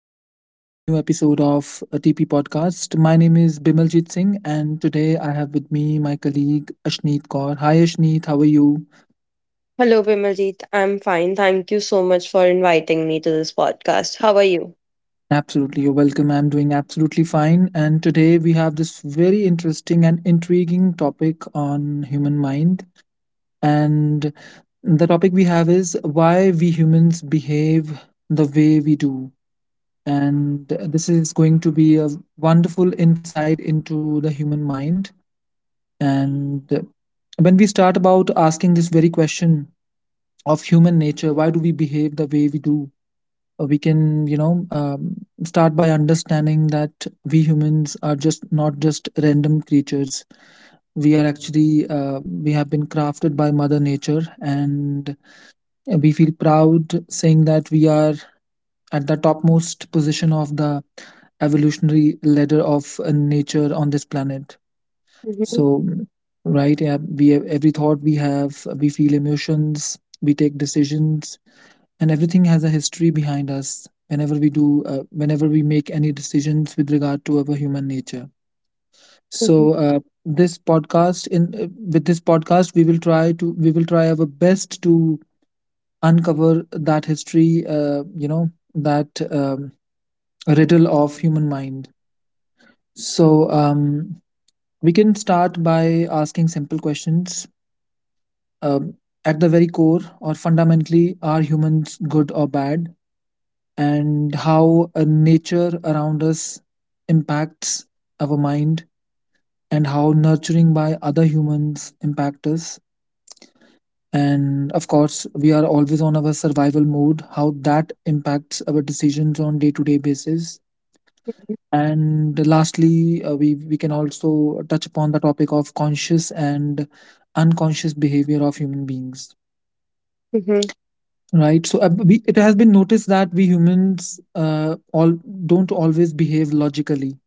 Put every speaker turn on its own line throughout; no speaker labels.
To This new episode of a TP podcast. My name is Bimaljit Singh, and today I have with me my colleague Ashneet Kaur. Hi, Ashneet. How are you?
Hello, Bimaljeet. I'm fine. Thank you so much for inviting me to this podcast. How are you?
Absolutely. You're welcome. I'm doing absolutely fine. And today we have this very interesting and intriguing topic on human mind. And the topic we have is why we humans behave the way we do. And this is going to be a wonderful insight into the human mind. And when we start about asking this very question of human nature, why do we behave the way we do? We can, start by understanding that we humans are just not just random creatures. We are actually, we have been crafted by Mother Nature, and we feel proud saying that we are at the topmost position of the evolutionary ladder of nature on this planet.
Mm-hmm.
So, right, yeah, we have every thought we have, we feel emotions, we take decisions, and everything has a history behind us whenever we do, whenever we make any decisions with regard to our human nature. So, this podcast in with this podcast we will try our best to uncover that history, you know that riddle of human mind. so um, we can start by asking simple questions. um, at the very core or fundamentally, are humans good or bad, and how nature around us impacts our mind, and how nurturing by other humans impact us? And of course, we are always on our survival mode. How that impacts our decisions on day to day basis? And lastly, we can also touch upon the topic of conscious and unconscious behavior of human beings.
Mm-hmm.
Right. So it has been noticed that we humans all don't always behave logically.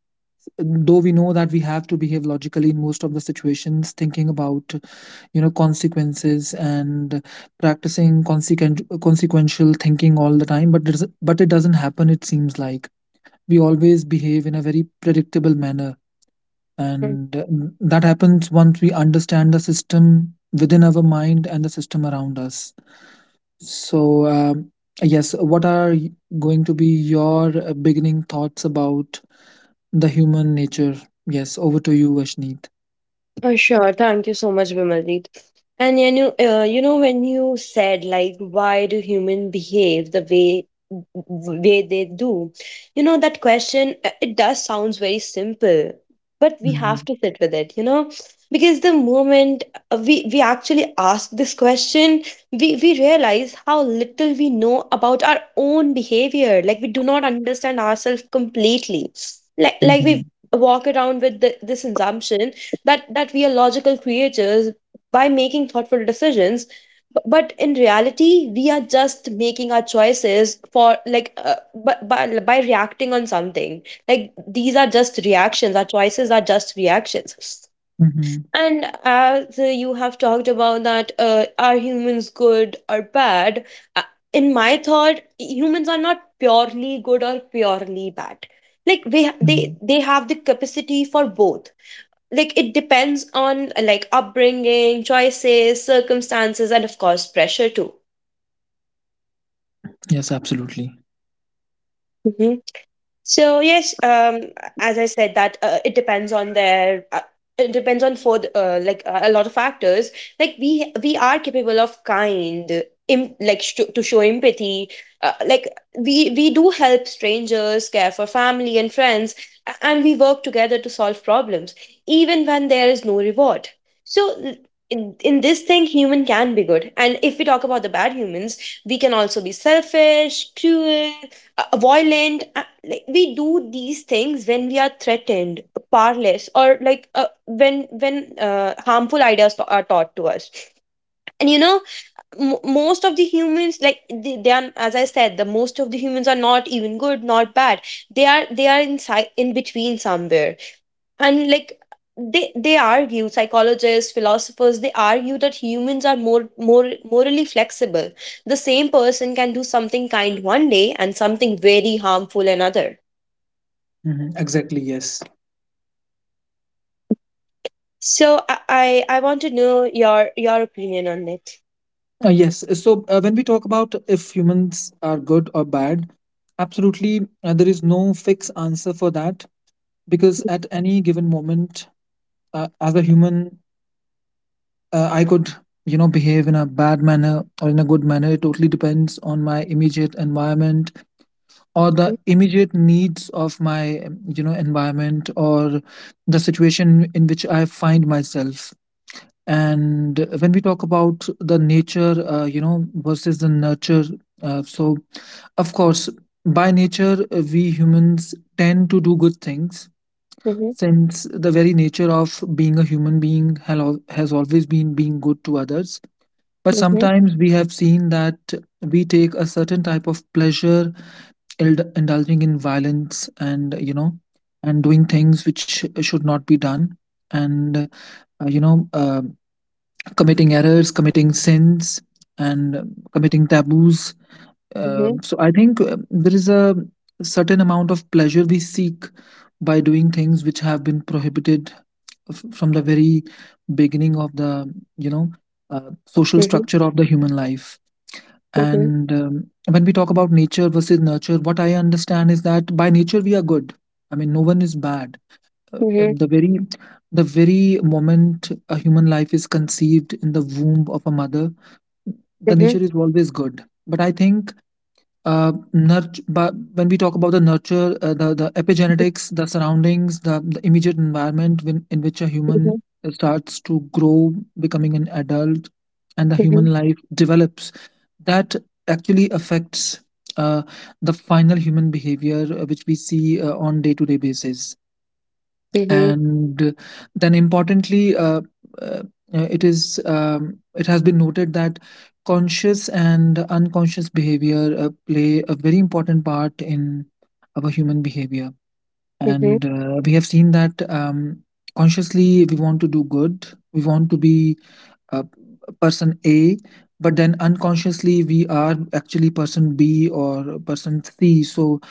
Though we know that we have to behave logically in most of the situations, thinking about you know consequences and practicing consequential thinking all the time. But it doesn't happen. It seems like we always behave in a very predictable manner, and that happens once we understand the system within our mind and the system around us. So, um, yes, going to be your beginning thoughts about the human nature? Yes, over to you, Vashneet.
Sure. Thank you so much, Vimaljeet. And you know, when you said like, why do humans behave the way they do? You know that question. It does sounds very simple, but we have
Mm-hmm.
to sit with it. You know, because the moment we actually ask this question, we realize how little we know about our own behavior. Like we do not understand ourselves completely. Like we
Mm-hmm.
walk around with this assumption that we are logical creatures by making thoughtful decisions. But in reality we are just making our choices for by reacting on something. Like these are just reactions, our choices are just reactions.
Mm-hmm.
And as you have talked about that, are humans good or bad? uh, in my thought, humans are not purely good or purely bad. They
Mm-hmm.
have the capacity for both. Like it depends on, like upbringing, choices, circumstances, and of course pressure too.
Yes, absolutely.
So yes, as I said, that it depends on their. It depends on for the, like a lot of factors. Like we are capable of kind, to show empathy. Uh, like we do help strangers, care for family and friends, and we work together to solve problems, even when there is no reward. So. l- in this thing, human can be good. And if we talk about the bad humans, we can also be selfish, cruel, violent. Like we do these things when we are threatened, powerless, or when harmful ideas are taught to us. And you know, most of the humans, like they are, as I said, the most of the humans are not even good not bad, they are, they are inside in between somewhere. And like they argue, psychologists, philosophers, they argue that humans are more morally flexible. The same person can do something kind one day and something very harmful another.
Hmm Exactly, yes.
So I want to know your opinion on it.
Yes. So when we talk about if humans are good or bad, absolutely, there is no fixed answer for that, because at any given moment, as a human, I could you know behave in a bad manner or in a good manner. It totally depends on my immediate environment or
Mhm,
the immediate needs of my you know environment, or the situation in which I find myself. And when we talk about the nature, you know, versus the nurture, so of course, by nature, we humans tend to do good things,
mhm,
since the very nature of being a human being has always been being good to others. But
mhm,
sometimes we have seen that we take a certain type of pleasure indulging in violence, and you know, and doing things which should not be done, and committing errors, committing sins, and committing taboos.
mhm,
So I think there is a certain amount of pleasure we seek by doing things which have been prohibited from the very beginning of the you know social
mhm,
structure of the human life.
mhm,
And When we talk about nature versus nurture, what I understand is that by nature we are good. I mean, no one is bad uh, uh,
mhm,
the very the very moment a human life is conceived in the womb of a mother, the
mhm,
nature is always good. But I think but when we talk about the nurture, the epigenetics, the surroundings, the immediate environment, in which a
mhm,
human starts to grow, becoming an adult, and the
mhm,
human life develops, that actually affects uh, the final human behavior, which we see on day to day basis.
mhm,
And then importantly, uh, it is it has been noted that conscious and unconscious behavior play a very important part in our human behavior.
mhm,
And we have seen that consciously we want to do good, we want to be uh, person a, but then unconsciously we are actually person b or person c. So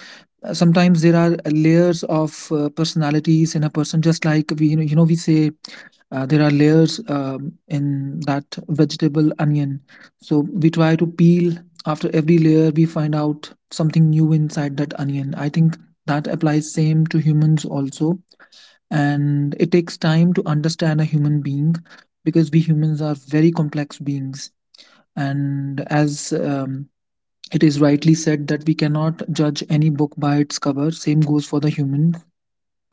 sometimes there are layers of personalities in a person, just like we you know we say there are layers in that vegetable onion. So we try to peel. After every layer we find out something new inside that onion. I think that applies same to humans also, and it takes time to understand a human being, because we humans are very complex beings. And as it is rightly said that we cannot judge any book by its cover. Same goes for the human.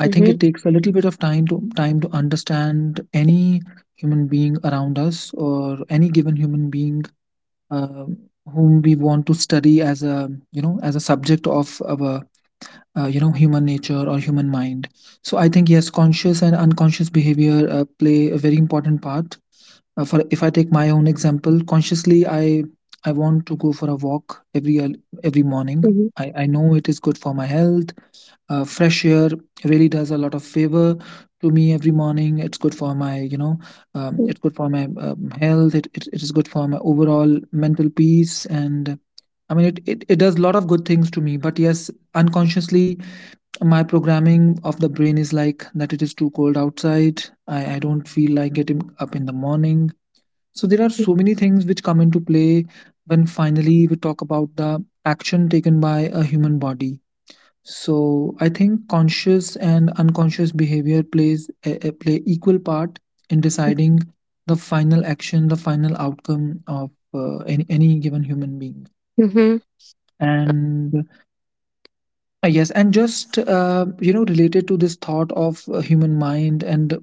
I
mhm,
think
mhm,
it takes a little bit of time to understand any human being around us, or any given human being uh, whom we want to study as a you know as a subject of our you know human nature or human mind. So I think yes, conscious and unconscious behavior play a very important part. For if I take my own example, consciously I want to go for a walk every every morning. I know it is good for my health. Fresh air really does a lot of favor to me every morning. It's good for my you know it's good for my health. It is good for my overall mental peace. And I mean, it does a lot of good things to me. But yes, unconsciously, my programming of the brain is like that it is too cold outside. I don't feel like getting up in the morning. So there are so many things which come into play when finally we talk about the action taken by a human body. So I think conscious and unconscious behavior play equal part in deciding the final action, the final outcome of any given human being.
mhm,
And yes, and just you know related to this thought of human mind, and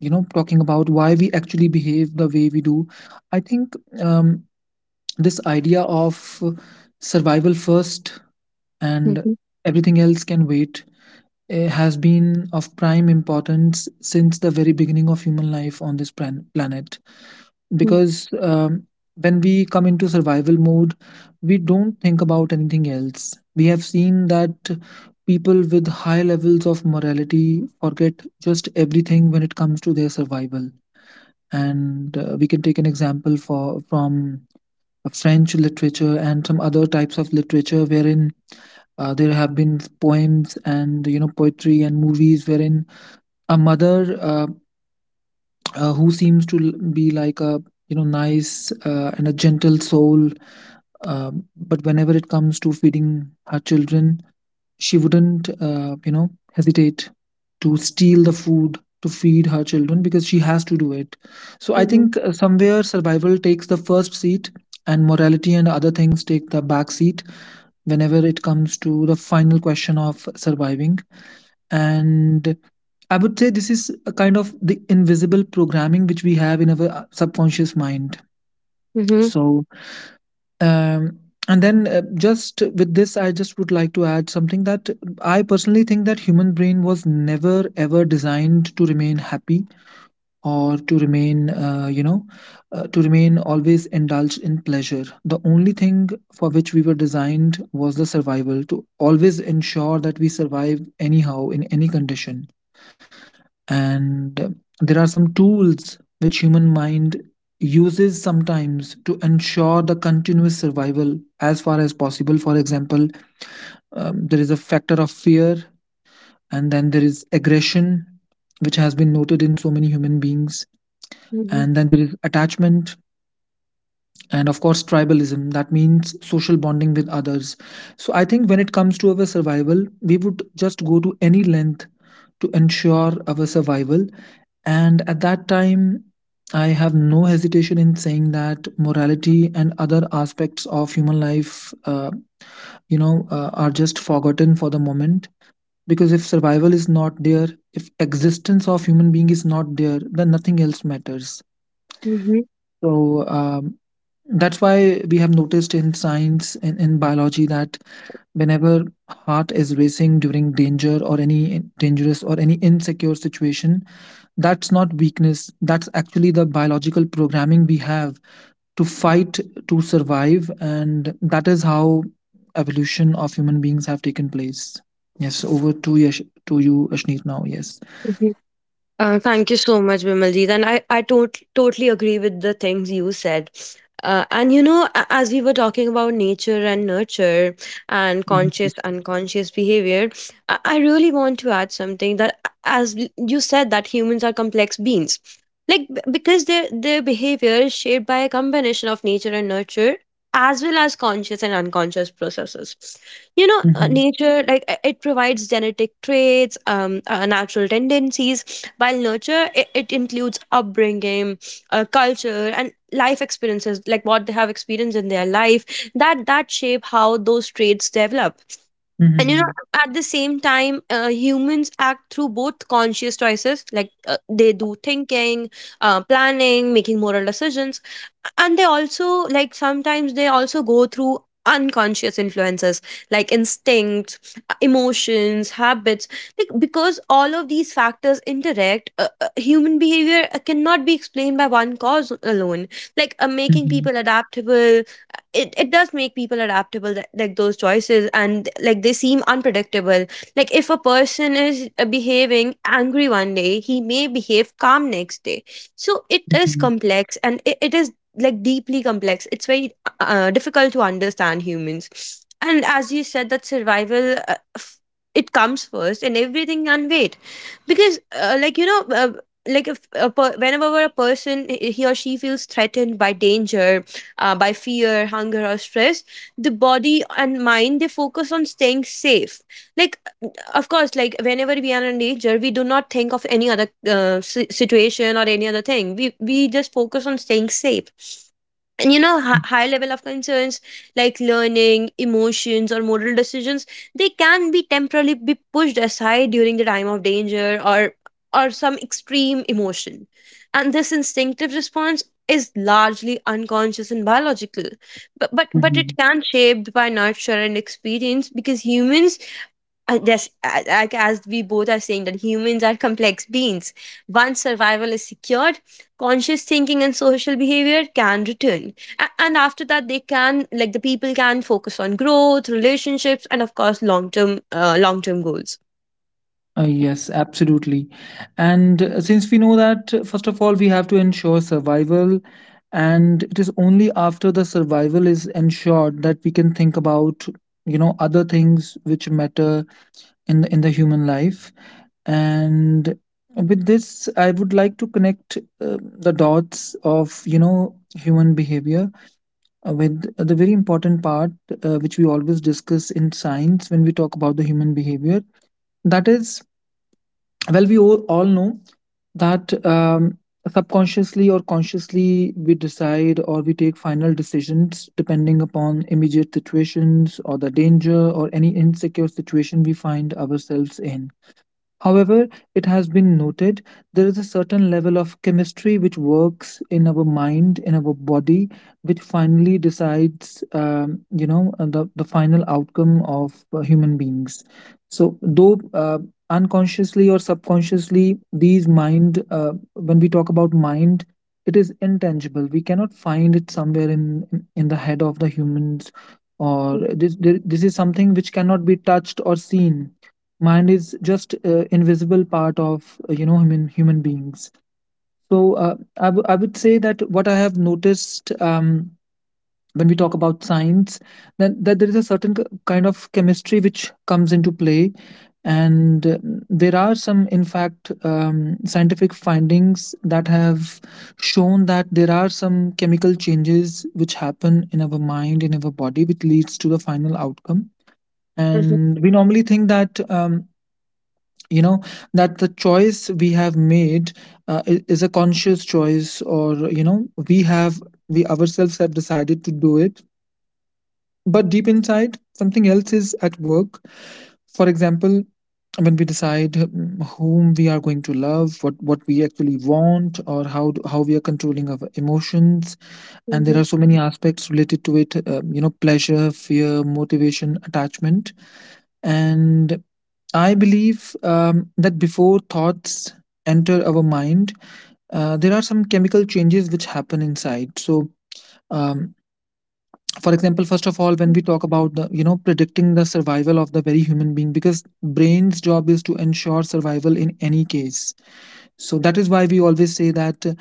you know talking about why we actually behave the way we do, I think. Um, this idea of survival first
mhm,
and
mhm,
everything else can wait has been of prime importance since the very beginning of human life on this planet. Because when we come into survival mode, we don't think about anything else. We have seen that people with high levels of morality forget just everything when it comes to their survival. And we can take an example for from French literature and some other types of literature, wherein there have been poems and you know poetry and movies wherein a mother who seems to be like a you know nice and a gentle soul, but whenever it comes to feeding her children, she wouldn't you know hesitate to steal the food to feed her children because she has to do it. So I
mhm,
think somewhere survival takes the first seat, and morality and other things take the back seat whenever it comes to the final question of surviving. And I would say this is a kind of the invisible programming which we have in our subconscious mind.
mhm,
So, um, and then just with this, I just would like to add something that I personally think that human brain was never ever designed to remain happy, or to remain, to remain always indulged in pleasure. The only thing for which we were designed was the survival, to always ensure that we survive anyhow in any condition. And there are some tools which human mind uses sometimes to ensure the continuous survival as far as possible. For example, there is a factor of fear, and then there is aggression, which has been noted in so many human beings.
mhm,
And then there is attachment, and of course tribalism, that means social bonding with others. So I think when it comes to our survival, we would just go to any length to ensure our survival. And at that time, I have no hesitation in saying that morality and other aspects of human life are just forgotten for the moment. Because if survival is not there, if existence of human being is not there, then nothing else matters.
mhm,
so um, that's why we have noticed in science and in biology that whenever heart is racing during danger or any dangerous or any insecure situation, that's not weakness. That's actually the biological programming we have to fight to survive, and that is how evolution of human beings have taken place. Yes, over to Yash, to you, Ashneet. Now, yes.
mhm, Thank you so much, Bimaljeet. And I totally agree with the things you said. And you know, as we were talking about nature and nurture and
Mhm,
conscious, unconscious behavior, I really want to add something that, you said, that humans are complex beings. Like, because their behavior is shaped by a combination of nature and nurture, as well as conscious and unconscious processes. You know,
mhm,
nature, it provides genetic traits, natural tendencies, while nurture, it includes upbringing, culture, and life experiences, like what they have experienced in their life, that shape how those traits develop. And you know,
mhm,
at the same time, humans act through both conscious choices, like they do thinking, planning, making moral decisions. And they also, like sometimes they also go through unconscious influences, like instincts, emotions, habits. Like because all of these factors interact, human behavior cannot be explained by one cause alone, like making
mhm,
people adaptable. It does make people adaptable, that, like those choices and like they seem unpredictable. Like if a person is behaving angry one day, he may behave calm next day. So it is
mhm,
complex, and it is like deeply complex, it's very difficult to understand humans. And as you said that survival, it comes first and everything can wait. Because like if whenever a person, he or she feels threatened by danger, by fear, hunger, or stress, the body and mind, they focus on staying safe. Like, of course, like whenever we are in danger, we do not think of any other situation or any other thing. We just focus on staying safe. And you know, high level of concerns, like learning emotions or moral decisions, they can be temporarily be pushed aside during the time of danger or some extreme emotion. And this instinctive response is largely unconscious and biological, but but,
mhm,
but
mhm.
it can shaped by nurture and experience because humans yes, like as we both are saying that humans are complex beings. Once survival is secured, conscious thinking and social behavior can return, and after that, they can, like the people can focus on growth, relationships, and of course, long term goals.
Yes, absolutely. And since we know that, first of all, we have to ensure survival, and it is only after the survival is ensured that we can think about, you know, other things which matter in the human life. And with this, I would like to connect the dots of, you know, human behavior with the very important part which we always discuss in science when we talk about the human behavior. That is, well, we all know that subconsciously or consciously we decide or we take final decisions depending upon immediate situations or the danger or any insecure situation we find ourselves in. However, it has been noted there is a certain level of chemistry which works in our mind, in our body, which finally decides, you know, the final outcome of human beings. So, though unconsciously or subconsciously, these mind, when we talk about mind, it is intangible. We cannot find it somewhere in the head of the humans, or this is something which cannot be touched or seen. Mind is just invisible part of you know, human beings. So I would say that what I have noticed, when we talk about science, that, there is a certain kind of chemistry which comes into play. And there are some, in fact, scientific findings that have shown that there are some chemical changes which happen in our mind, in our body, which leads to the final outcome.
Mhm,
And we normally think that, you know, that the choice we have made is a conscious choice, or you know, we ourselves have decided to do it, but deep inside something else is at work. For example, when we decide, whom we are going to love, what we actually want, or how we are controlling our emotions. And there are
mhm,
so many aspects related to it, you know, pleasure, fear, motivation, attachment. And I believe, that before thoughts enter our mind, there are some chemical changes which happen inside. So um, for example, first of all, when
mhm,
we talk about, the you know, predicting the survival of the very human being, because brain's job is to ensure survival in any case. So that is why we always say that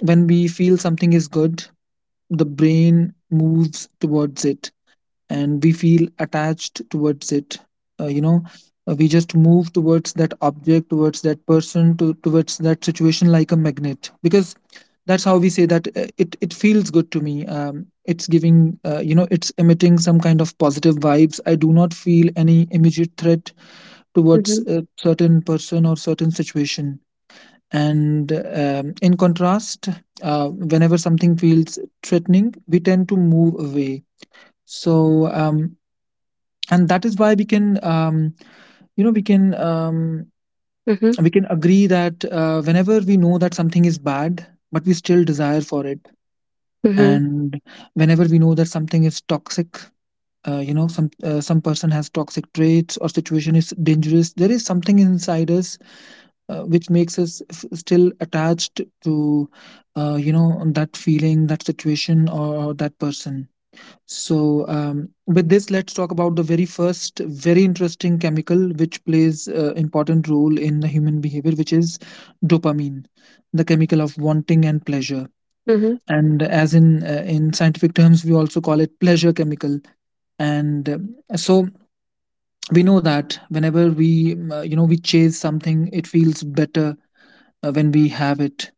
when we feel something is good, the brain moves towards it, and we feel attached towards it. You know, we just move towards that object, towards that towards that situation like a magnet, because that's how we say that it feels good to me. It's giving, you know, it's emitting some kind of positive vibes. I do not feel any immediate threat towards
mhm,
a certain person or certain situation. And in contrast, whenever something feels threatening, we tend to move away. So, and that is why we can, you know, we can,
mhm,
we can agree that whenever we know that something is bad, but we still desire for it,
mhm, mhm,
and whenever we know that something is toxic, you know, some person has toxic traits or situation is dangerous, there is something inside us which makes us still attached to, you know, that feeling, that situation, or that person. So with this, let's talk about the very first, very interesting chemical which plays important role in the human behavior, which is dopamine, the chemical of wanting and pleasure.
mhm,
And as in scientific terms, we also call it pleasure chemical. And so we know that whenever we, you know, we chase something, it feels better when we have it.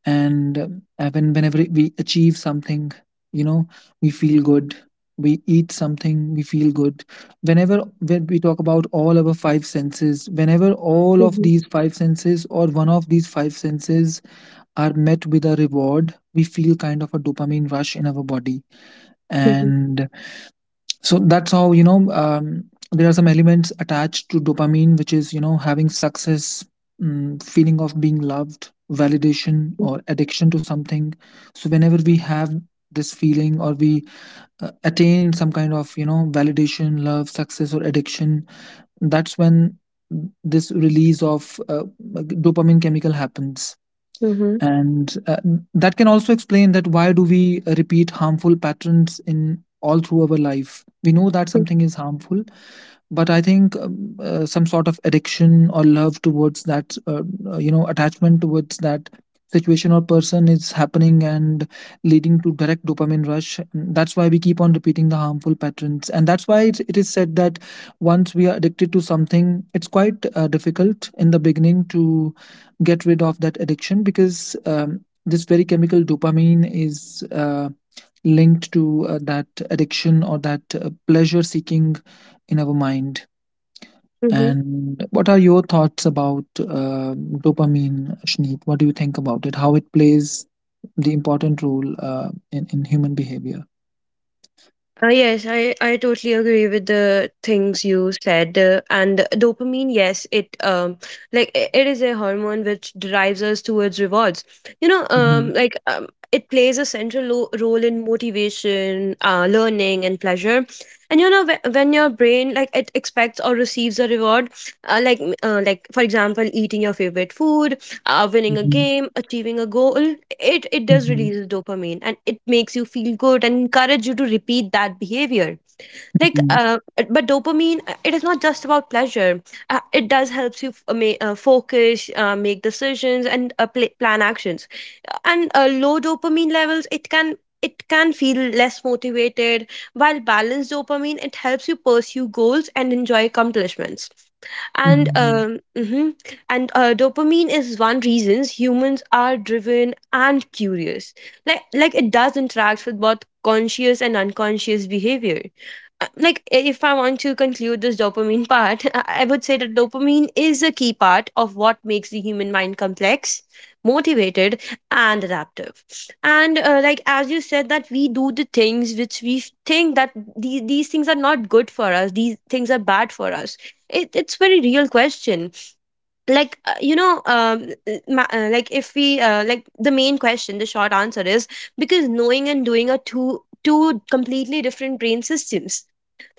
And whenever we achieve something, you know, we feel good. We eat something, we feel good. Whenever, when we talk about all our five senses, whenever all of these five senses or one of these five senses are met with a reward, we feel kind of a dopamine rush in our body.
mhm, mhm,
And so that's how, you know, there are some elements attached to dopamine, which is, you know, having success, feeling of being loved, validation, or addiction to something. So whenever we have this feeling, or we attain some kind of, you know, validation, love, success, or addiction, that's when this release of dopamine chemical happens.
mhm,
And that can also explain that why do we repeat harmful patterns. In all through our life we know that something is harmful, but I think, some sort of addiction or love towards that, you know, attachment towards that situation or person is happening and leading to direct dopamine rush. Mm, that's why we keep on repeating the harmful patterns, and that's why it is said that once we are addicted to something, it's quite difficult in the beginning to get rid of that addiction, because this very chemical dopamine is linked to that addiction or that pleasure seeking in our mind.
mhm, mhm.
And what are your thoughts about dopamine, Shneet? What do you think about it? How it plays the important role in human behavior?
Yes, I totally agree with the things you said. And dopamine, yes, it it is a hormone which drives us towards rewards. You know,
Mhm,
it plays a central role in motivation, learning, and pleasure. And you know, when your brain, like it expects or receives a reward, like for example, eating your favorite food, winning a
mhm,
game, achieving a goal, it does
mhm,
release dopamine and it makes you feel good and encourage you to repeat that behavior. Like,
mhm,
uh, but dopamine, it is not just about pleasure. It does helps you focus, make decisions, and plan actions. And low dopamine levels, it can feel less motivated, while balanced dopamine, it helps you pursue goals and enjoy accomplishments. And
mhm,
mhm. and Dopamine is one reasons humans are driven and curious. It does interact with both conscious and unconscious behavior. If I want to conclude this dopamine part I would say that dopamine is a key part of what makes the human mind complex, motivated, and adaptive. And like as you said, that we do the things which we think that these things are not good for us, these things are bad for us. It's very real question. Like you know ma- like if we Like the main question, the short answer is, because knowing and doing are two completely different brain systems.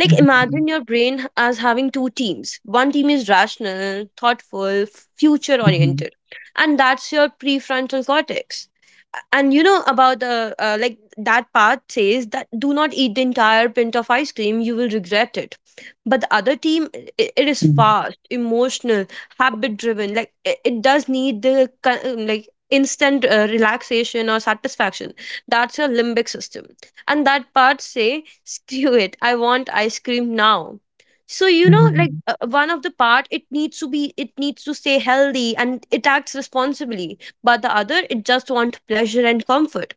Like imagine your brain as having two teams. One team is rational, thoughtful, future
mhm,
oriented, and that's your prefrontal cortex. And you know about, like that part says that do not eat the entire pint of ice cream, you will regret it. But the other team, it is
mhm,
fast, emotional, habit driven. Like it does need like instant relaxation or satisfaction. That's your limbic system. And that part say screw it, I want ice cream now. So you know,
mhm,
one of the part, it needs to stay healthy and it acts responsibly, but the other it just wants pleasure and comfort.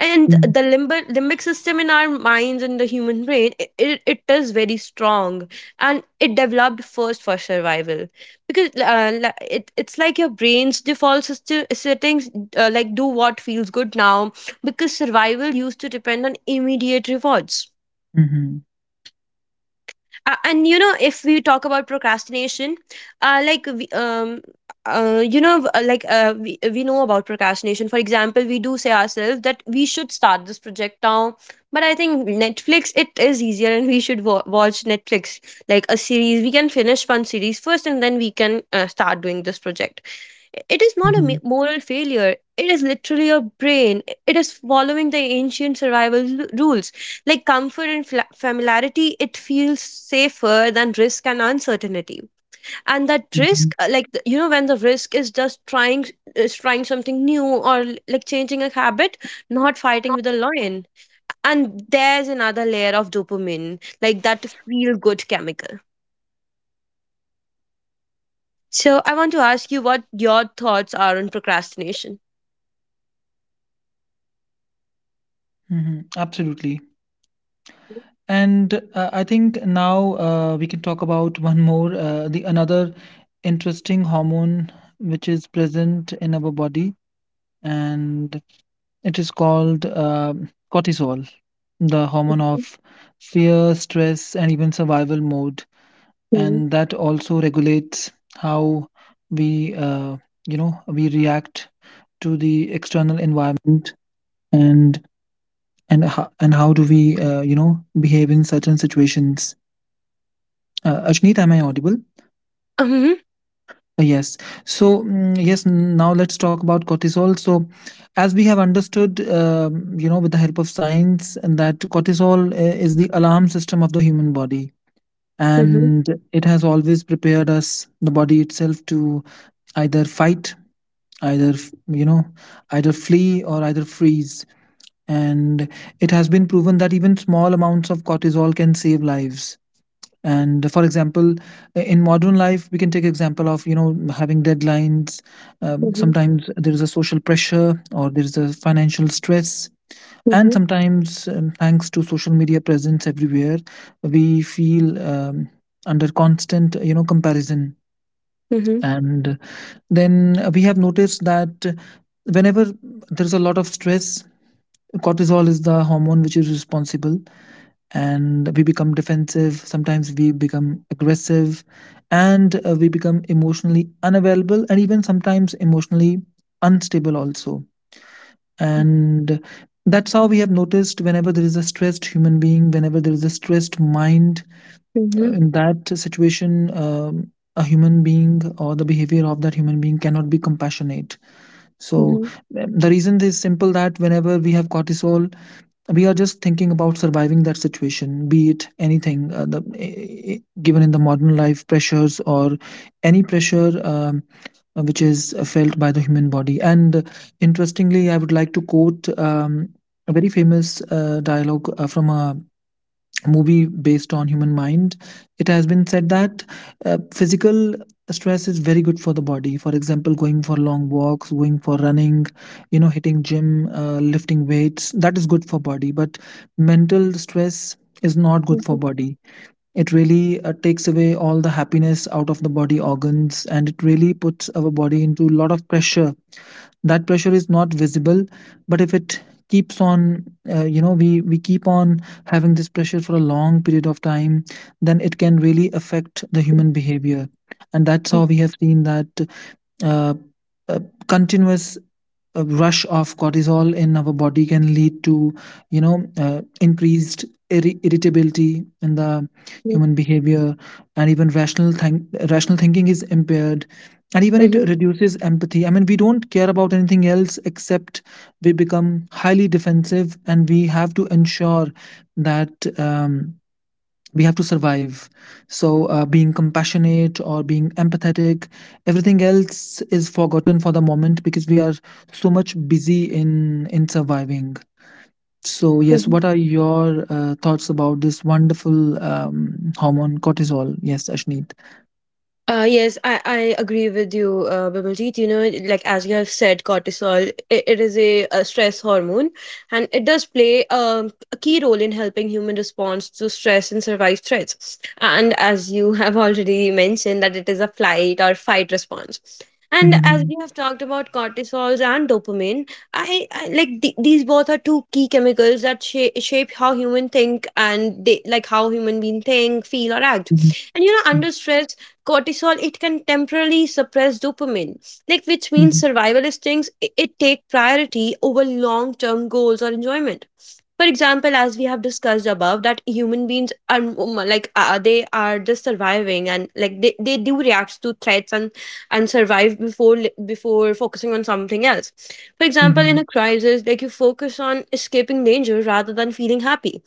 And
mhm,
the limbic system in our minds and the human brain, it is very strong and it developed first for survival. Because it's like your brain's default settings, like do what feels good now, because survival used to depend on immediate rewards.
mhm, mhm,
And you know, if we talk about procrastination, like we, you know like we know about procrastination. For example, we do say ourselves that we should start this project now, but I think Netflix, it is easier and we should watch Netflix, like a series. We can finish one series first and then we can start doing this project. It is not a
mhm,
moral failure, it is literally your brain, it is following the ancient survival rules. Like comfort and familiarity, it feels safer than risk and uncertainty. And that
mhm.
risk, you know, when the risk is just trying something new or like changing a habit, not fighting with a lion. And there's another layer of dopamine, like that feel good chemical. So I want to ask you what your thoughts are on procrastination. Mm-hmm.
How do we, you know, behave in certain situations? Ashneet, am I audible?
Mm-hmm.
Yes. So yes, now let's talk about cortisol. So, as we have understood, you know, with the help of science, and that cortisol is the alarm system of the human body,
Mm-hmm.
and it has always prepared us, the body itself, to either fight, you know, either flee or either freeze. And it has been proven that even small amounts of cortisol can save lives. And for example, in modern life we can take example of, you know, having deadlines.
Mm-hmm.
Sometimes there is a social pressure, or there is a financial stress, and
Mm-hmm.
sometimes, thanks to social media presence everywhere, we feel, under constant, you know, comparison.
Mm-hmm.
And then we have noticed that whenever there's a lot of stress, cortisol is the hormone which is responsible, and we become defensive, sometimes we become aggressive, and we become emotionally unavailable, and even sometimes emotionally unstable also. And that's how we have noticed whenever there is a stressed human being, whenever there is a stressed mind,
Mm-hmm.
in that situation, a human being or the behavior of that human being cannot be compassionate. So the reason is simple, that whenever we have cortisol, we are just thinking about surviving that situation, be it anything, given in the modern life pressures or any pressure, which is felt by the human body. And interestingly, I would like to quote, a very famous dialogue from a movie based on human mind. It has been said that physical stress is very good for the body, for example going for long walks, going for running, you know, hitting gym, lifting weights. That is good for body, but mental stress is not good
Mm-hmm.
for body. It really takes away all the happiness out of the body organs, and it really puts our body into a lot of pressure. That pressure is not visible, but if it keeps on, you know, we keep on having this pressure for a long period of time, then it can really affect the human behavior. And that's how we have seen that uh, uh, continuous rush of cortisol in our body can lead to, you know, increased irritability in the human behavior, and even rational thinking is impaired, and even it reduces empathy. I mean, we don't care about anything else except we become highly defensive, and we have to ensure that, we have to survive. So being compassionate or being empathetic, everything else is forgotten for the moment because we are so much busy in surviving. So, yes,
Mm-hmm.
what are your thoughts about this wonderful hormone cortisol? Yes, Ashneet.
Yes, I agree with you, Bimaljeet. You know, like as you have said, cortisol, it is a stress hormone, and it does play a key role in helping human response to stress and survive threats. And as you have already mentioned, that it is a flight or fight response. And as
Mm-hmm.
we have talked about cortisols and dopamine, these both are two key chemicals that shape how human think and they, like how human being think, feel, or act.
Mm-hmm.
And you know, under stress, cortisol it can temporarily suppress dopamine, like which means
Mm-hmm.
survival instincts it take priority over long term goals or enjoyment. For example, as we have discussed above, that human beings are m- like they are just surviving, and they do react to threats and survive before focusing on something else. For example, in a crisis, like, you focus on escaping danger rather than feeling happy.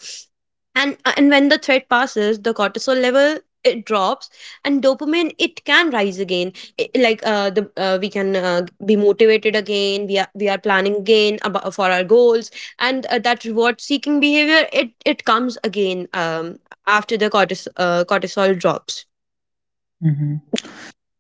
And when the threat passes, the cortisol level it drops, and dopamine it can rise again. I- like the We can be motivated again. We are planning again for our goals. And that reward seeking behavior, it comes again, after cortisol drops.
Mm-hmm.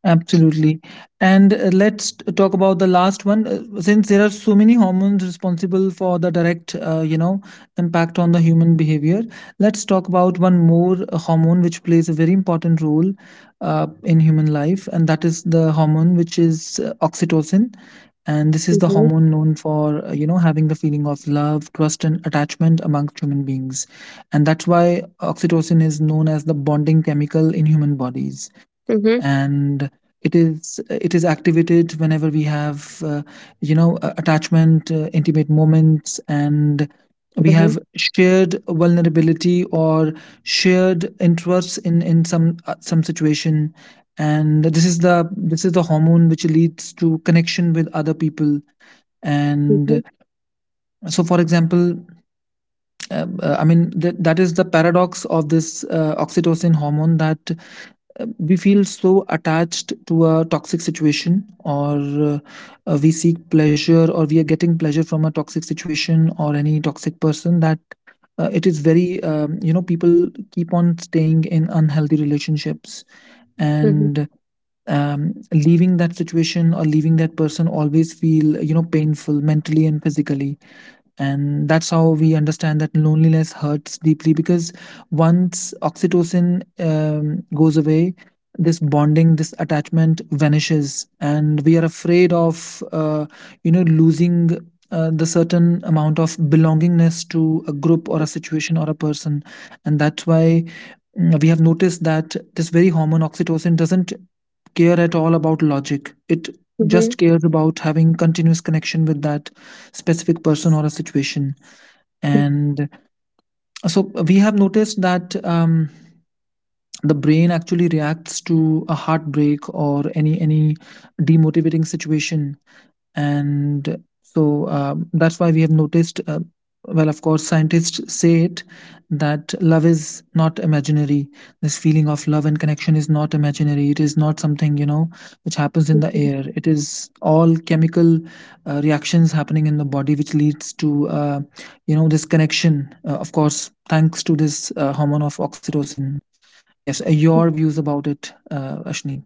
Absolutely. And let's talk about the last one. Since there are so many hormones responsible for the direct, you know, impact on the human behavior, let's talk about one more hormone which plays a very important role in human life, and that is the hormone which is oxytocin. And this is the
Mhm,
hormone known for, having the feeling of love, trust, and attachment amongst human beings. And that's why oxytocin is known as the bonding chemical in human bodies,
mhm,
and it is activated whenever we have attachment, intimate moments, and we
mhm,
have shared vulnerability or shared interests in some situation. And this is the hormone which leads to connection with other people.
mhm,
And so, for example, uh, that is the paradox of this oxytocin hormone, that we feel so attached to a toxic situation, or we seek pleasure, or we are getting pleasure from a toxic situation or any toxic person. That It is very, people keep on staying in unhealthy relationships.
mhm,
And leaving that situation or leaving that person always feel you know painful mentally and physically, and that's how we understand that loneliness hurts deeply, because once oxytocin goes away, this bonding, this attachment vanishes, and we are afraid of losing the certain amount of belongingness to a group or a situation or a person. And that's why, we have noticed that this very hormone oxytocin doesn't care at all about logic. It
mhm,
just cares about having continuous connection with that specific person or a situation.
mhm,
And so, we have noticed that the brain actually reacts to a heartbreak or any demotivating situation. And so, that's why we have noticed, well, of course, scientists say it, that love is not imaginary. This feeling of love and connection is not imaginary. It is not something, you know, which happens in the
mhm.
air. It is all chemical reactions happening in the body, which leads to, this connection, of course thanks to this hormone of oxytocin. Yes, your views about it, Ashni?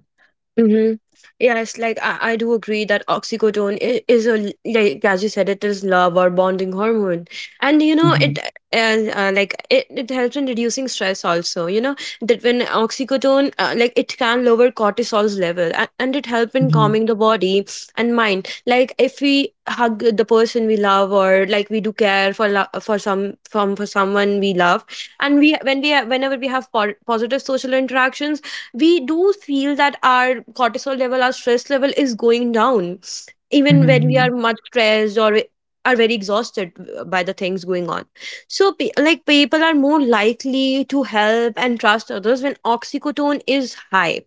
Mm-hmm. Yes, like I do agree that oxycodone is a like as you said, it is love or bonding hormone, and you know
Mhm,
it it helps in reducing stress also. You know that when oxycodone, it can lower cortisol's level, and it help in
mhm,
calming the body and mind. Like, if we hug the person we love, or like we do care for lo- for some from for someone we love, and we when we ha- whenever we have positive social interactions, we do feel that our cortisol level, our stress level is going down, even when we are
mhm,
much stressed, or we are very exhausted by the things going on. So, people are more likely to help and trust others when oxycodone is high.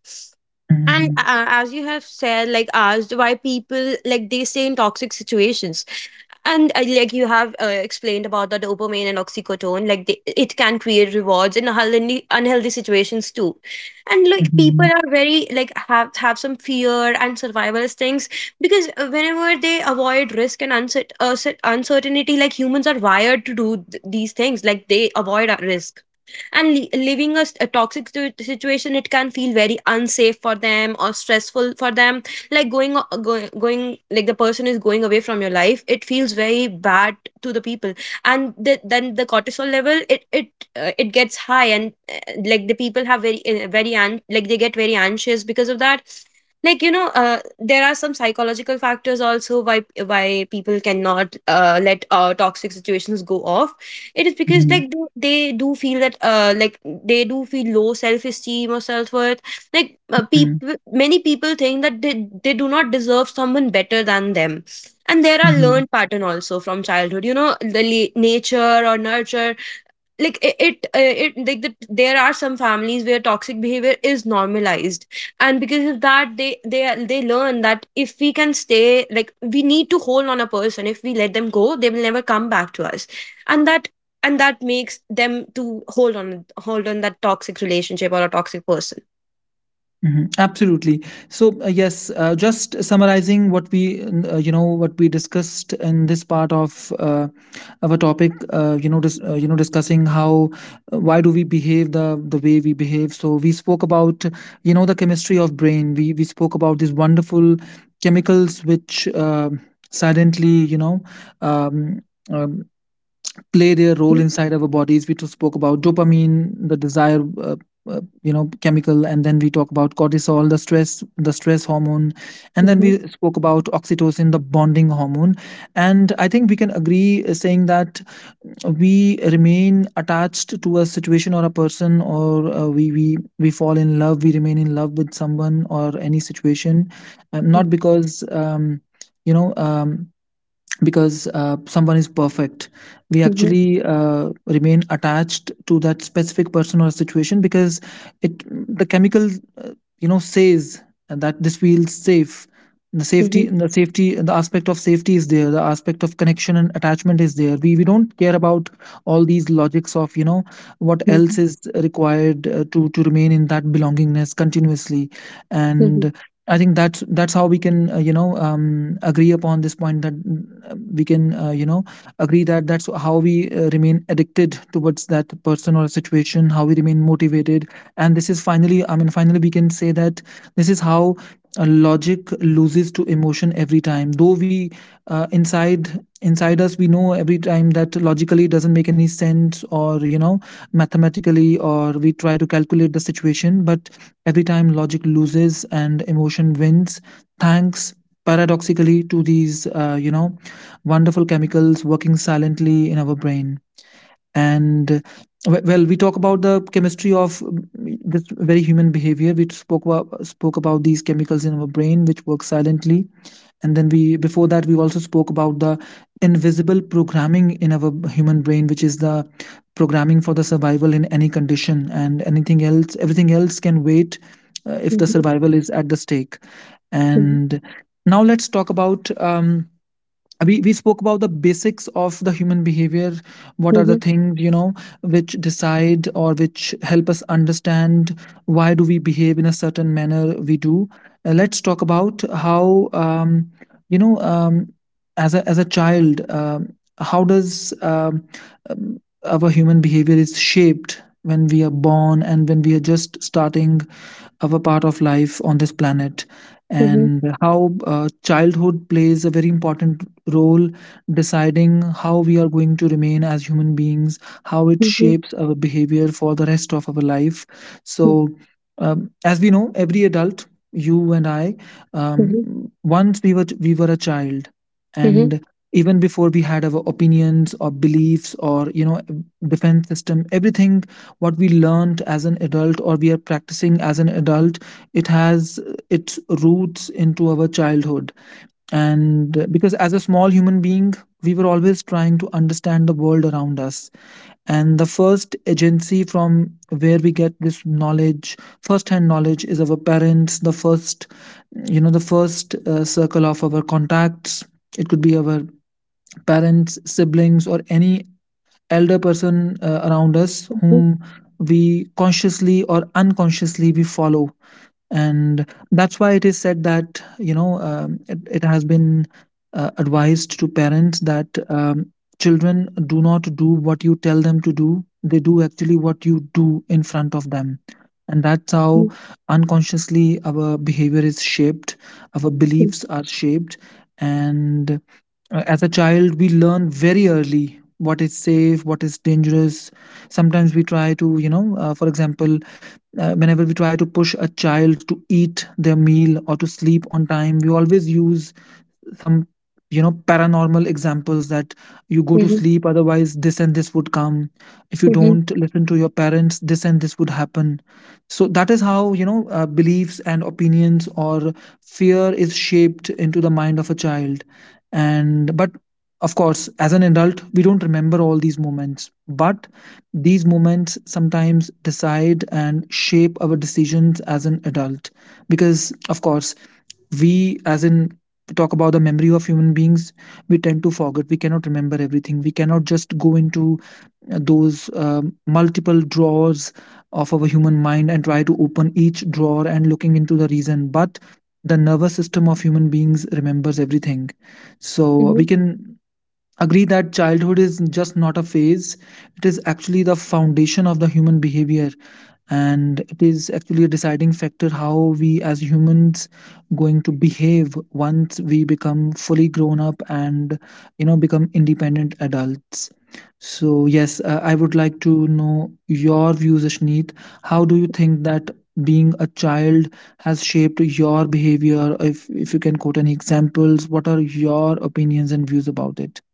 And
mhm,
as you have said, like, asked why people, like, they stay in toxic situations, and like you have explained about the dopamine and oxycodone, like it can create rewards in unhealthy, unhealthy situations too. And like,
mhm,
people
mhm,
are very like, have some fear and survivalist things, because whenever they avoid risk and uncertainty, like humans are wired to do these things. Like, they avoid risk, and leaving a toxic situation, it can feel very unsafe for them, or stressful for them. Like going, o- going going, like, the person is going away from your life, it feels very bad to the people. And then the cortisol level, it gets high, and like, the people have very, they get very anxious because of that. Like, you know, there are some psychological factors also, why people cannot let toxic situations go off. It is because,
mhm,
like, they do feel that, they do feel low self-esteem or self-worth. Like,
mm,
people many people think that, they do not deserve someone better than them. And there are
mhm,
learned pattern also from childhood, you know, the nature or nurture. There are some families where toxic behavior is normalized, and because of that, they learn that if we can stay, like, we need to hold on a person, if we let them go, they will never come back to us. and that and that makes them to hold on that toxic relationship or a toxic person.
mhm. Absolutely. So yes, just summarizing what we, what we discussed in this part of our topic. Discussing how, why do we behave the way we behave. So we spoke about, you know, the chemistry of brain. We spoke about these wonderful chemicals which silently, you know, um, um, play their role inside our bodies. We just spoke about dopamine, the desire, chemical, and then we talk about cortisol, the stress hormone, and then we spoke about oxytocin, the bonding hormone. And I think we can agree saying that we remain attached to a situation or a person, or we fall in love, we remain in love with someone or any situation, not because you know. Um, because someone is perfect. We actually remain attached to that specific person or situation because it, the chemical, uh, says that this feels safe. The safety, the aspect of safety is there, the aspect of connection and attachment is there. We don't care about all these logics of, you know, what else is required to remain in that belongingness continuously. And I think that's how we can, agree upon this point that, we can, agree that that's how we remain addicted towards that person or situation, how we remain motivated. And this is, finally, finally we can say that this is how logic loses to emotion every time, though we, inside, us we know every time that logically it doesn't make any sense, or, you know, mathematically, or we try to calculate the situation. But every time logic loses and emotion wins, thanks, paradoxically, to these wonderful chemicals working silently in our brain. And well, we talk about the chemistry of this very human behavior. We spoke about, these chemicals in our brain which work silently. And then we, before that, we also spoke about the invisible programming in our human brain, which is the programming for the survival in any condition, and anything else, everything else can wait if the survival is at the stake. And now let's talk about, we spoke about the basics of the human behavior, what are the things, you know, which decide or which help us understand why do we behave in a certain manner we do. Let's talk about how, you know um, as a child, how does um, our human behavior is shaped when we are born and when we are just starting our part of life on this planet, and how childhood plays a very important role, deciding how we are going to remain as human beings, how it shapes our behavior for the rest of our life. So, as we know, every adult, you and I, um, once, we were a child, and even before we had our opinions or beliefs, or, you know, defense system, everything what we learned as an adult or we are practicing as an adult, it has its roots into our childhood. And because as a small human being, we were always trying to understand the world around us, and the first agency from where we get this knowledge, first hand knowledge, is our parents. The first, you know, the first circle of our contacts, it could be our parents, siblings, or any elder person around us, whom we, consciously or unconsciously, we follow. And that's why it is said that, you know, it has been advised to parents that, children do not do what you tell them to do, they do actually what you do in front of them. And that's how, unconsciously, our behavior is shaped, our beliefs are shaped. And as a child, we learn very early what is safe, what is dangerous. Sometimes we try to, you know, for example, whenever we try to push a child to eat their meal or to sleep on time, we always use some, you know, paranormal examples that, you go to sleep, otherwise this and this would come, if you don't listen to your parents, this and this would happen. So that is how, you know, beliefs and opinions or fear is shaped into the mind of a child. And but of course, as an adult we don't remember all these moments, but these moments sometimes decide and shape our decisions as an adult. Because, of course, we, as in, we talk about the memory of human beings, we tend to forget, we cannot remember everything, we cannot just go into those multiple drawers of our human mind and try to open each drawer and looking into the reason. But the nervous system of human beings remembers everything. So we can agree that childhood is just not a phase, it is actually the foundation of the human behavior, and it is actually a deciding factor how we as humans going to behave once we become fully grown up and, you know, become independent adults. So yes, I would like to know your views, Ashneet. How do you think that being a child has shaped your behavior? If you can quote any examples, what are your opinions and views about it?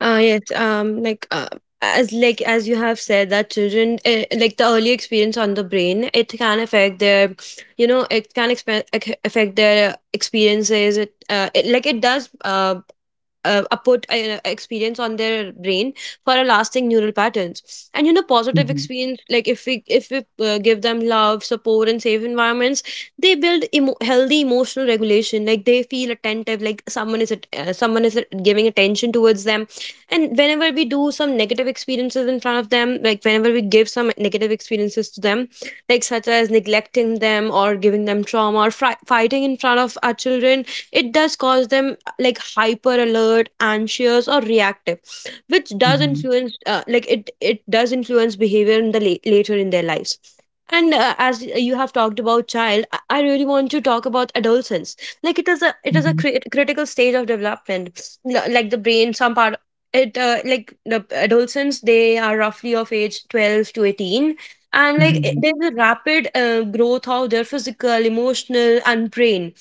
Uh, yes, um, like uh, as you have said, that children, the early experience on the brain, it can affect their, you know, it can affect their experiences. It, it like it does output, experience on their brain, for a lasting neural patterns. And you know, positive
Mhm,
experience, like, if we, if we give them love, support, and safe environments, they build healthy emotional regulation. Like, they feel attentive, like, someone is someone is giving attention towards them. And whenever we do some negative experiences in front of them, like, whenever we give some negative experiences to them, like, such as neglecting them, or giving them trauma, or fighting in front of our children, it does cause them, like, hyper alert, anxious, or reactive, which does
mhm,
influence, it does influence behavior in the later in their lives. And as you have talked about child, I really want to talk about adolescence. Like, it is a, it is a
mhm,
critical stage of development. L- like the brain some part it like The adolescents, they are roughly of age 12 to 18, and like
mhm,
there's a rapid growth of their physical, emotional, and brain.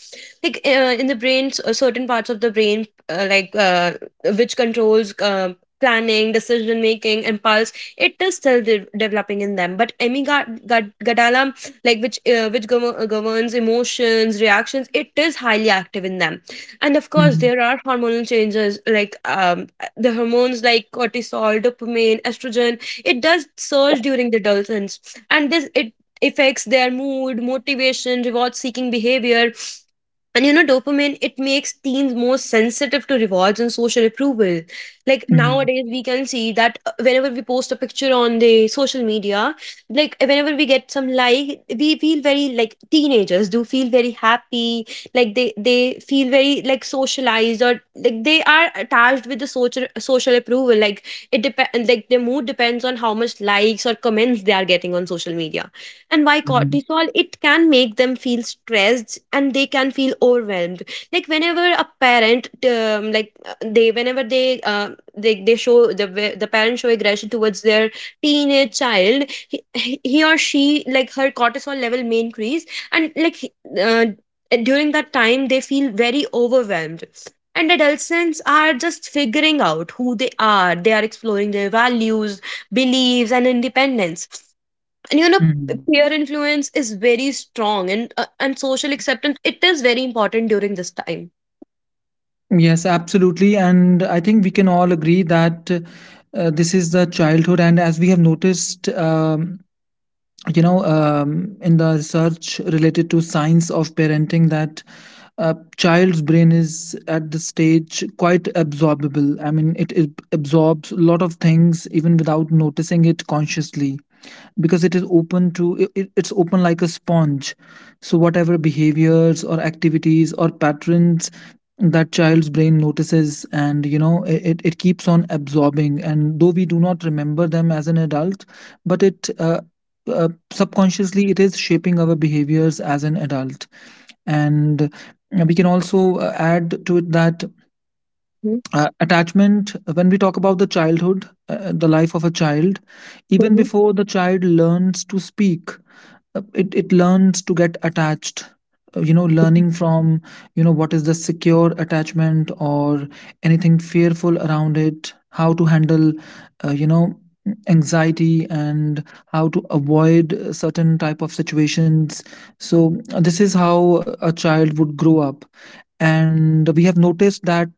Like in the brain, certain parts of the brain, which controls planning, decision making, impulse, it is still developing in them. But amygdala, like, governs emotions, reactions, it is highly active in them. And of course,
mhm,
there are hormonal changes, like, the hormones like cortisol, dopamine, estrogen, it does surge during the adolescence. And this, it affects their mood, motivation, reward seeking behavior. And you know, dopamine, it makes teens more sensitive to rewards and social approval. Like
mhm,
nowadays, we can see that, whenever we post a picture on the social media, like whenever we get some like, we feel very, like, teenagers do feel very happy. Like, they feel very, like, socialized, or like, they are attached with the social approval. Like, it depends. Like, their mood depends on how much likes or comments they are getting on social media. And why
mhm,
cortisol, it can make them feel stressed, and they can feel overwhelmed. Like whenever a parent, they show the parents show aggression towards their teenage child, he or she, like, her cortisol level may increase. And like he- uh, during that time, they feel very overwhelmed. And adolescents are just figuring out who they are. They are exploring their values, beliefs, and independence. And you know,
mhm.
peer influence is very strong, and social acceptance, it is very important during this time.
Yes, absolutely. And I think we can all agree that this is the childhood. And as we have noticed, in the research related to science of parenting that a child's brain is at the stage quite absorbable. I mean it absorbs a lot of things even without noticing it consciously, because it is open to it. It's open like a sponge. So whatever behaviors or activities or patterns that child's brain notices, and you know it keeps on absorbing, and though we do not remember them as an adult, but it subconsciously it is shaping our behaviors as an adult. And uh, we can also add to it that
Mhm,
attachment, when we talk about the childhood, the life of a child, even
mhm,
before the child learns to speak, it learns to get attached. You know, learning from, you know, what is the secure attachment, or anything fearful around it, how to handle, anxiety, and how to avoid certain type of situations. So this is how a child would grow up. And we have noticed that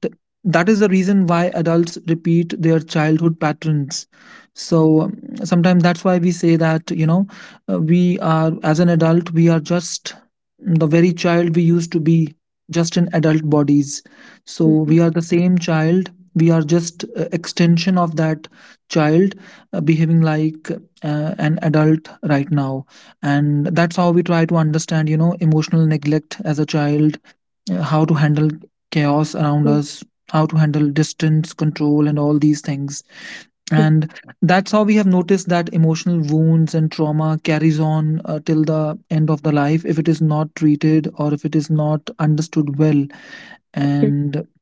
that is the reason why adults repeat their childhood patterns. So sometimes that's why we say that, you know, we are, as an adult, we are just the very child we used to be, just in adult bodies. So
mhm,
we are the same child, we are just extension of that child, behaving like an adult right now. And that's how we try to understand, you know, emotional neglect as a child, how to handle chaos around
mhm,
us, how to handle distance control, and all these things. And that's how we have noticed that emotional wounds and trauma carries on till the end of the life if it is not treated or if it is not understood well.
mhm,
And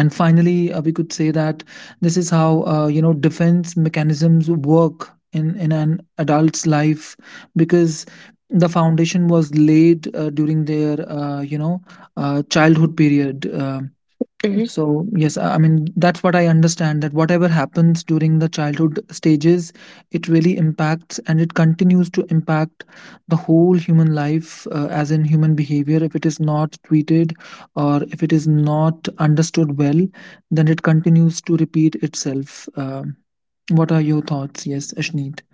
and finally we could say that this is how, you know, defense mechanisms work in an adult's life, because the foundation was laid during their, childhood period.
mhm.
So, yes, I mean, that's what I understand, that whatever happens during the childhood stages, it really impacts and it continues to impact the whole human life, as in human behavior. If it is not treated or if it is not understood well, then it continues to repeat itself. What are your thoughts? Yes, Ashneet.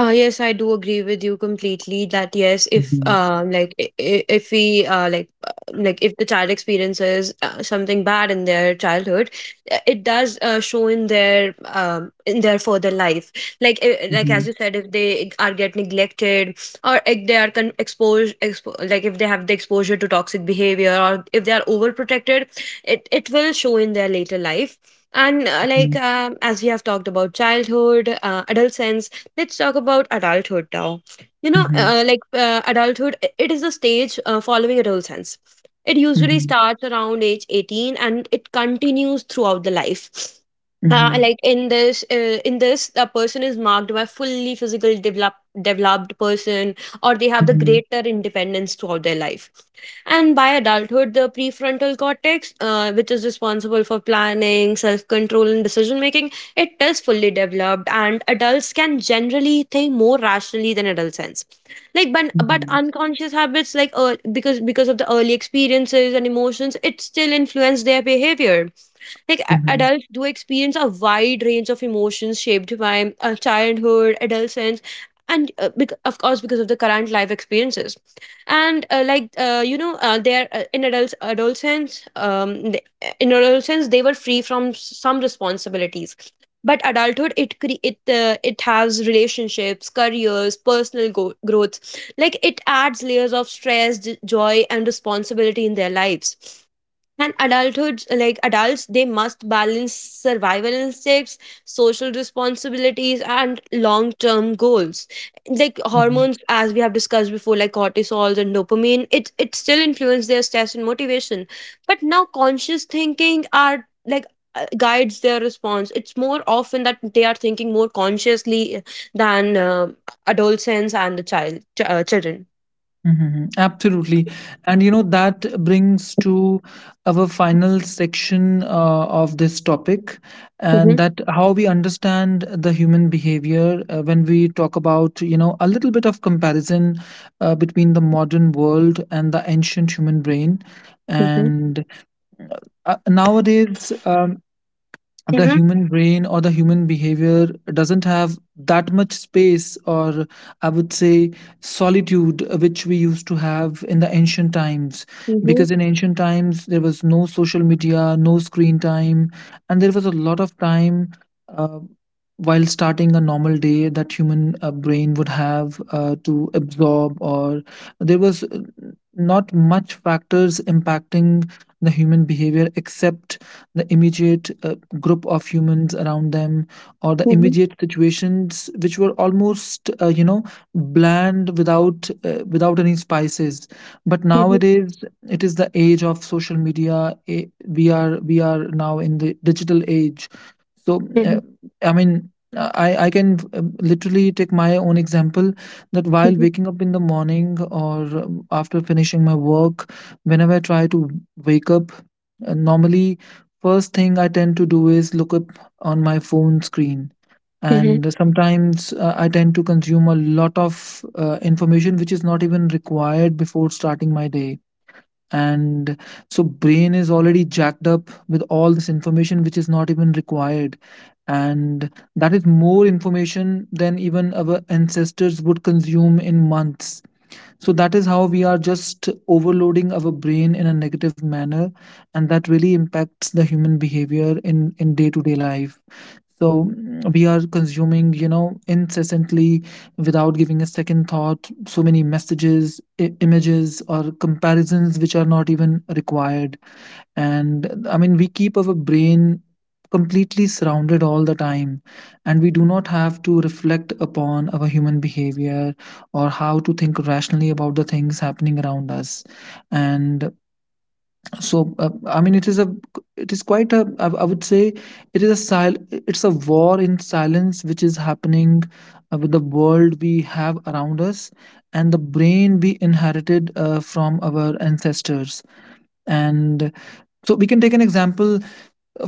Yes, I do agree with you completely, that yes,
Mhm,
if we if the child experiences, something bad in their childhood, it does show in their, in their further life. Like, as you
mhm,
said, if they are get neglected, or if they are like if they have the exposure to toxic behavior, or if they are overprotected, it will show in their later life. And Like,
mhm,
as we have talked about childhood, adolescence, let's talk about adulthood now. You know,
mhm,
adulthood, it is a stage following adolescence. It usually
mhm,
starts around age 18, and it continues throughout the life.
mhm,
In this, the person is marked by fully physical develop, developed person, or they have the
mhm,
greater independence throughout their life. And by adulthood, the prefrontal cortex, which is responsible for planning, self control, and decision making, it is fully developed, and adults can generally think more rationally than adolescents. But
mhm,
unconscious habits, because of the early experiences and emotions, it still influence their behavior. Like,
mhm,
adults do experience a wide range of emotions, shaped by childhood, adolescence, and of course, because of the current life experiences. And like you know they're in adults adolescence th- In adolescence, they were free from some responsibilities. But adulthood, it cre- it it has relationships, careers, personal growth. Like, it adds layers of stress, joy, and responsibility in their lives. And adulthood, like adults, they must balance survival instincts, social responsibilities, and long term goals. Like,
mhm.
hormones, as we have discussed before, like cortisol and dopamine, it still influence their stress and motivation. But now, conscious thinking are like, guides their response. It's more often that they are thinking more consciously than adolescents, and the child, children.
Mhm. Absolutely. And you know, that brings to our final section of this topic,
Hmm,
and that how we understand the human behavior when we talk about, you know, a little bit of comparison between the modern world and the ancient human brain.
hmm,
And nowadays, the
hmm,
human brain or the human behavior doesn't have that much space, or I would say solitude, which we used to have in the ancient times.
hmm,
Because in ancient times there was no social media, no screen time, and there was a lot of time uh, while starting a normal day that human brain would have to absorb. Or there was, not much factors impacting the human behavior, except the immediate group of humans around them, or the
hmm,
immediate situations which were almost, you know, bland without, without any spices. But
hmm,
nowadays it is the age of social media. We are now in the digital age. so
hmm,
uh, I mean, I can literally take my own example, that while
hmm,
waking up in the morning, or after finishing my work, whenever I try to wake up, normally, first thing I tend to do is look up on my phone screen.
hmm,
And sometimes I tend to consume a lot of information which is not even required before starting my day. And so brain is already jacked up with all this information which is not even required. And that is more information than even our ancestors would consume in months. So that is how we are just overloading our brain in a negative manner, and that really impacts the human behavior in day to day life. So we are consuming, you know, incessantly, without giving a second thought, so many messages, images, or comparisons which are not even required. And I mean, we keep our brain completely surrounded all the time, and we do not have to reflect upon our human behavior, or how to think rationally about the things happening around us. And I mean, it is a, it is quite a, I would say, it is a it's a war in silence which is happening with the world we have around us and the brain we inherited from our ancestors. And so we can take an example.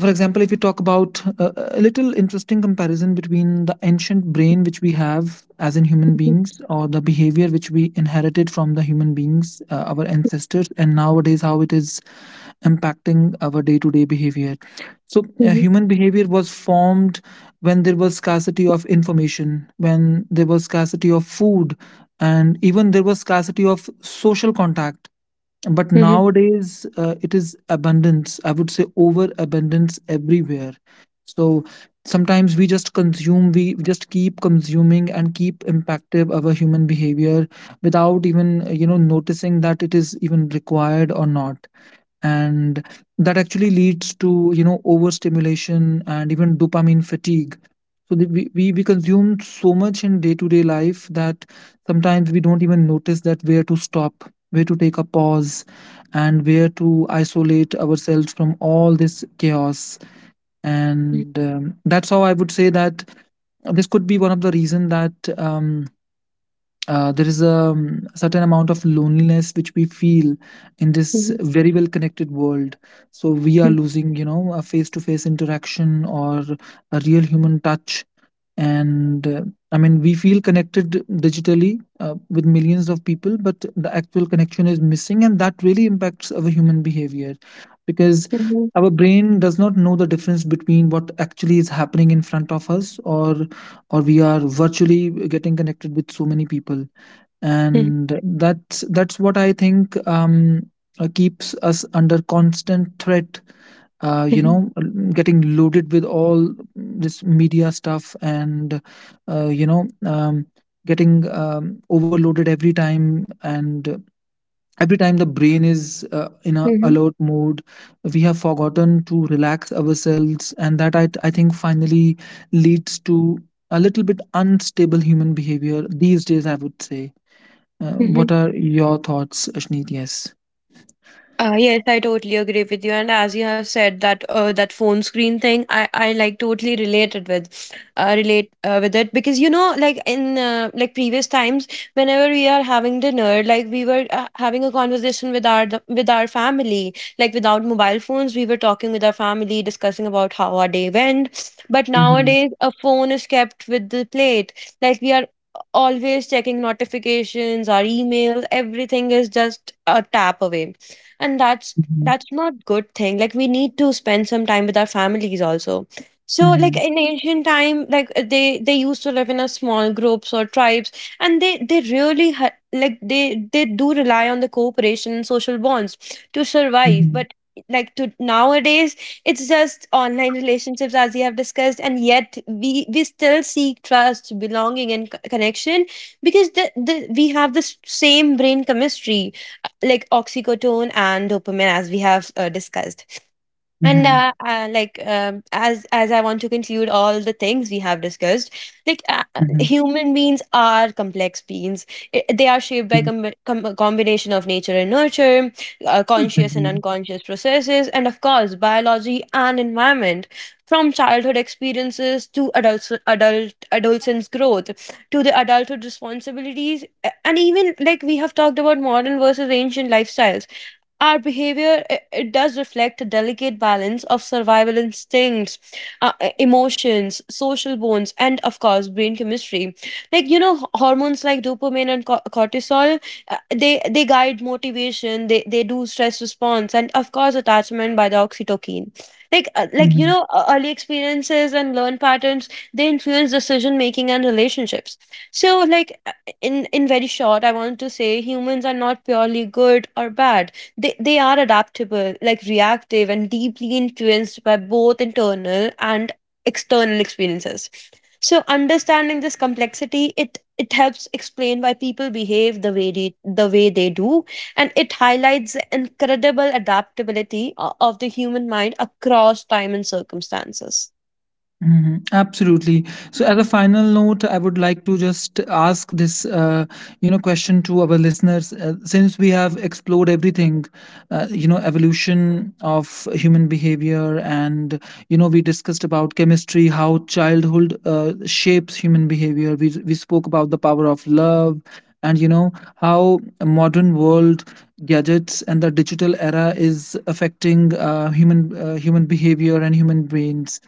For example, if we talk about a little interesting comparison between the ancient brain which we have as in human
hmm,
beings, or the behavior which we inherited from the human beings, our ancestors, and nowadays how it is impacting our day to day behavior. so
hmm,
uh, human behavior was formed when there was scarcity of information, when there was scarcity of food, and even there was scarcity of social contact. But
hmm, hmm,
nowadays it is abundance, I would say overabundance everywhere. So sometimes we just consume, we just keep consuming and keep impactive our human behavior, without even, you know, noticing that it is even required or not. And that actually leads to, you know, overstimulation and even dopamine fatigue. So we consume so much in day-to-day life that sometimes we don't even notice that where to stop, where to take a pause, and where to isolate ourselves from all this chaos. And that's how I would say that this could be one of the reason that, um, there is a, certain amount of loneliness which we feel in this
hmm,
very well connected world. So we are losing, you know, a face to face interaction, or a real human touch. And I mean, we feel connected digitally with millions of people, but the actual connection is missing, and that really impacts our human behavior. Because
hmm,
our brain does not know the difference between what actually is happening in front of us, or we are virtually getting connected with so many people. And that's what I think keeps us under constant threat, uh, you
hmm,
know getting loaded with all this media stuff, and, uh, you know um, getting, overloaded every time. And every time the brain is in a
hmm,
alert mode. We have forgotten to relax ourselves, and that I think finally leads to a little bit unstable human behavior these days, I would say. Uh,
hmm.
what are your thoughts, Ashneet? Yes.
Yes, I totally agree with you. And as you have said, that that phone screen thing, I like totally related with, relate with it. Because you know, like in, like, previous times, whenever we are having dinner, like, we were having a conversation with our with our family, like, without mobile phones, we were talking with our family, discussing about how our day went. But
Mhm.
nowadays, a phone is kept with the plate. Like, we are always checking notifications, our emails, everything is just a tap away, and that's
mhm,
that's not good thing. Like, we need to spend some time with our families also. So, like
mhm,
in ancient time, like, they used to live in a small groups or tribes, and they really they do rely on the cooperation and social bonds to survive.
mhm,
But, like to nowadays, it's just online relationships, as we have discussed. And yet, we still seek trust, belonging, and connection, because the we have the same brain chemistry, like oxycodone and dopamine, as we have discussed. And
mhm,
like As I want to conclude all the things we have discussed,
mhm,
human beings are complex beings. They are shaped by
mhm,
a combination of nature and nurture, conscious and
mhm,
unconscious processes, and of course, biology and environment. From childhood experiences to adult adult adolescence growth, to the adulthood responsibilities, and even like we have talked about modern versus ancient lifestyles, our behavior it does reflect a delicate balance of survival instincts, emotions, social bonds, and of course, brain chemistry. Like you know, hormones like dopamine and cortisol, uh, they they guide motivation. They do stress response, and of course, attachment by the oxytocin. Like you
mhm.
know, early experiences and learned patterns, they influence decision making and relationships. So, in very short, I want to say, humans are not purely good or bad. They are adaptable, like, reactive, and deeply influenced by both internal and external experiences. So, understanding this complexity, it helps explain why people behave the way they do. And it highlights the incredible adaptability of the human mind across time and circumstances.
Mhm. Absolutely. So, as a final note, I would like to just ask this, you know, question to our listeners. Since we have explored everything, you know, evolution of human behavior, and you know, we discussed about chemistry, how childhood shapes human behavior. We spoke about the power of love, and you know, how modern world gadgets and the digital era is affecting human behavior and human brains.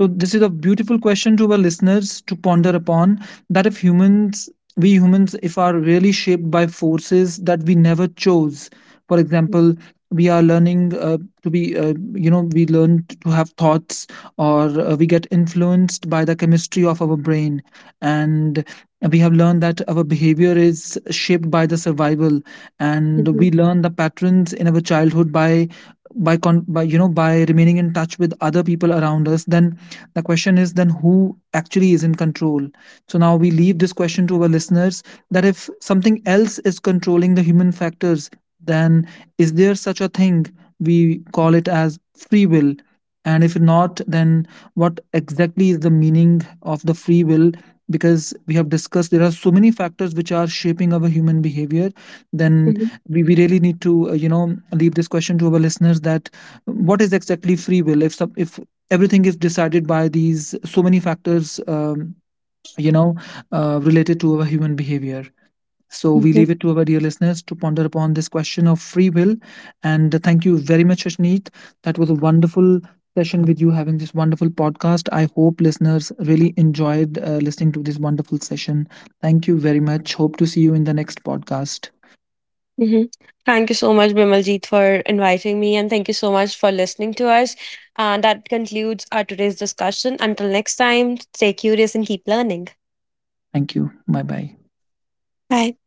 So, this is a beautiful question to our listeners to ponder upon, that if humans, we humans, if are really shaped by forces that we never chose, for example, we are learning to be, you know, we learn to have thoughts, or we get influenced by the chemistry of our brain. And we have learned that our behavior is shaped by the survival. And
Mhm,
we learn the patterns in our childhood by by, you know, by remaining in touch with other people around us. Then the question is, then who actually is in control? So now we leave this question to our listeners, that if something else is controlling the human factors, then is there such a thing? We call it as free will. And if not, then what exactly is the meaning of the free will? Because we have discussed there are so many factors which are shaping our human behavior, then
mhm,
we really need to, you know, leave this question to our listeners, that what is exactly free will, if some if everything is decided by these so many factors, you know, related to our human behavior. So we
mhm,
leave it to our dear listeners to ponder upon this question of free will. And thank you very much, Ashneet. That was a wonderful session with you, having this wonderful podcast. I hope listeners really enjoyed listening to this wonderful session. Thank you very much. Hope to see you in the next podcast.
mhm. Thank you so much, Bimaljeet, for inviting me, and thank you so much for listening to us. And that concludes our today's discussion. Until next time, stay curious and keep learning.
Thank you. Bye bye.
Bye.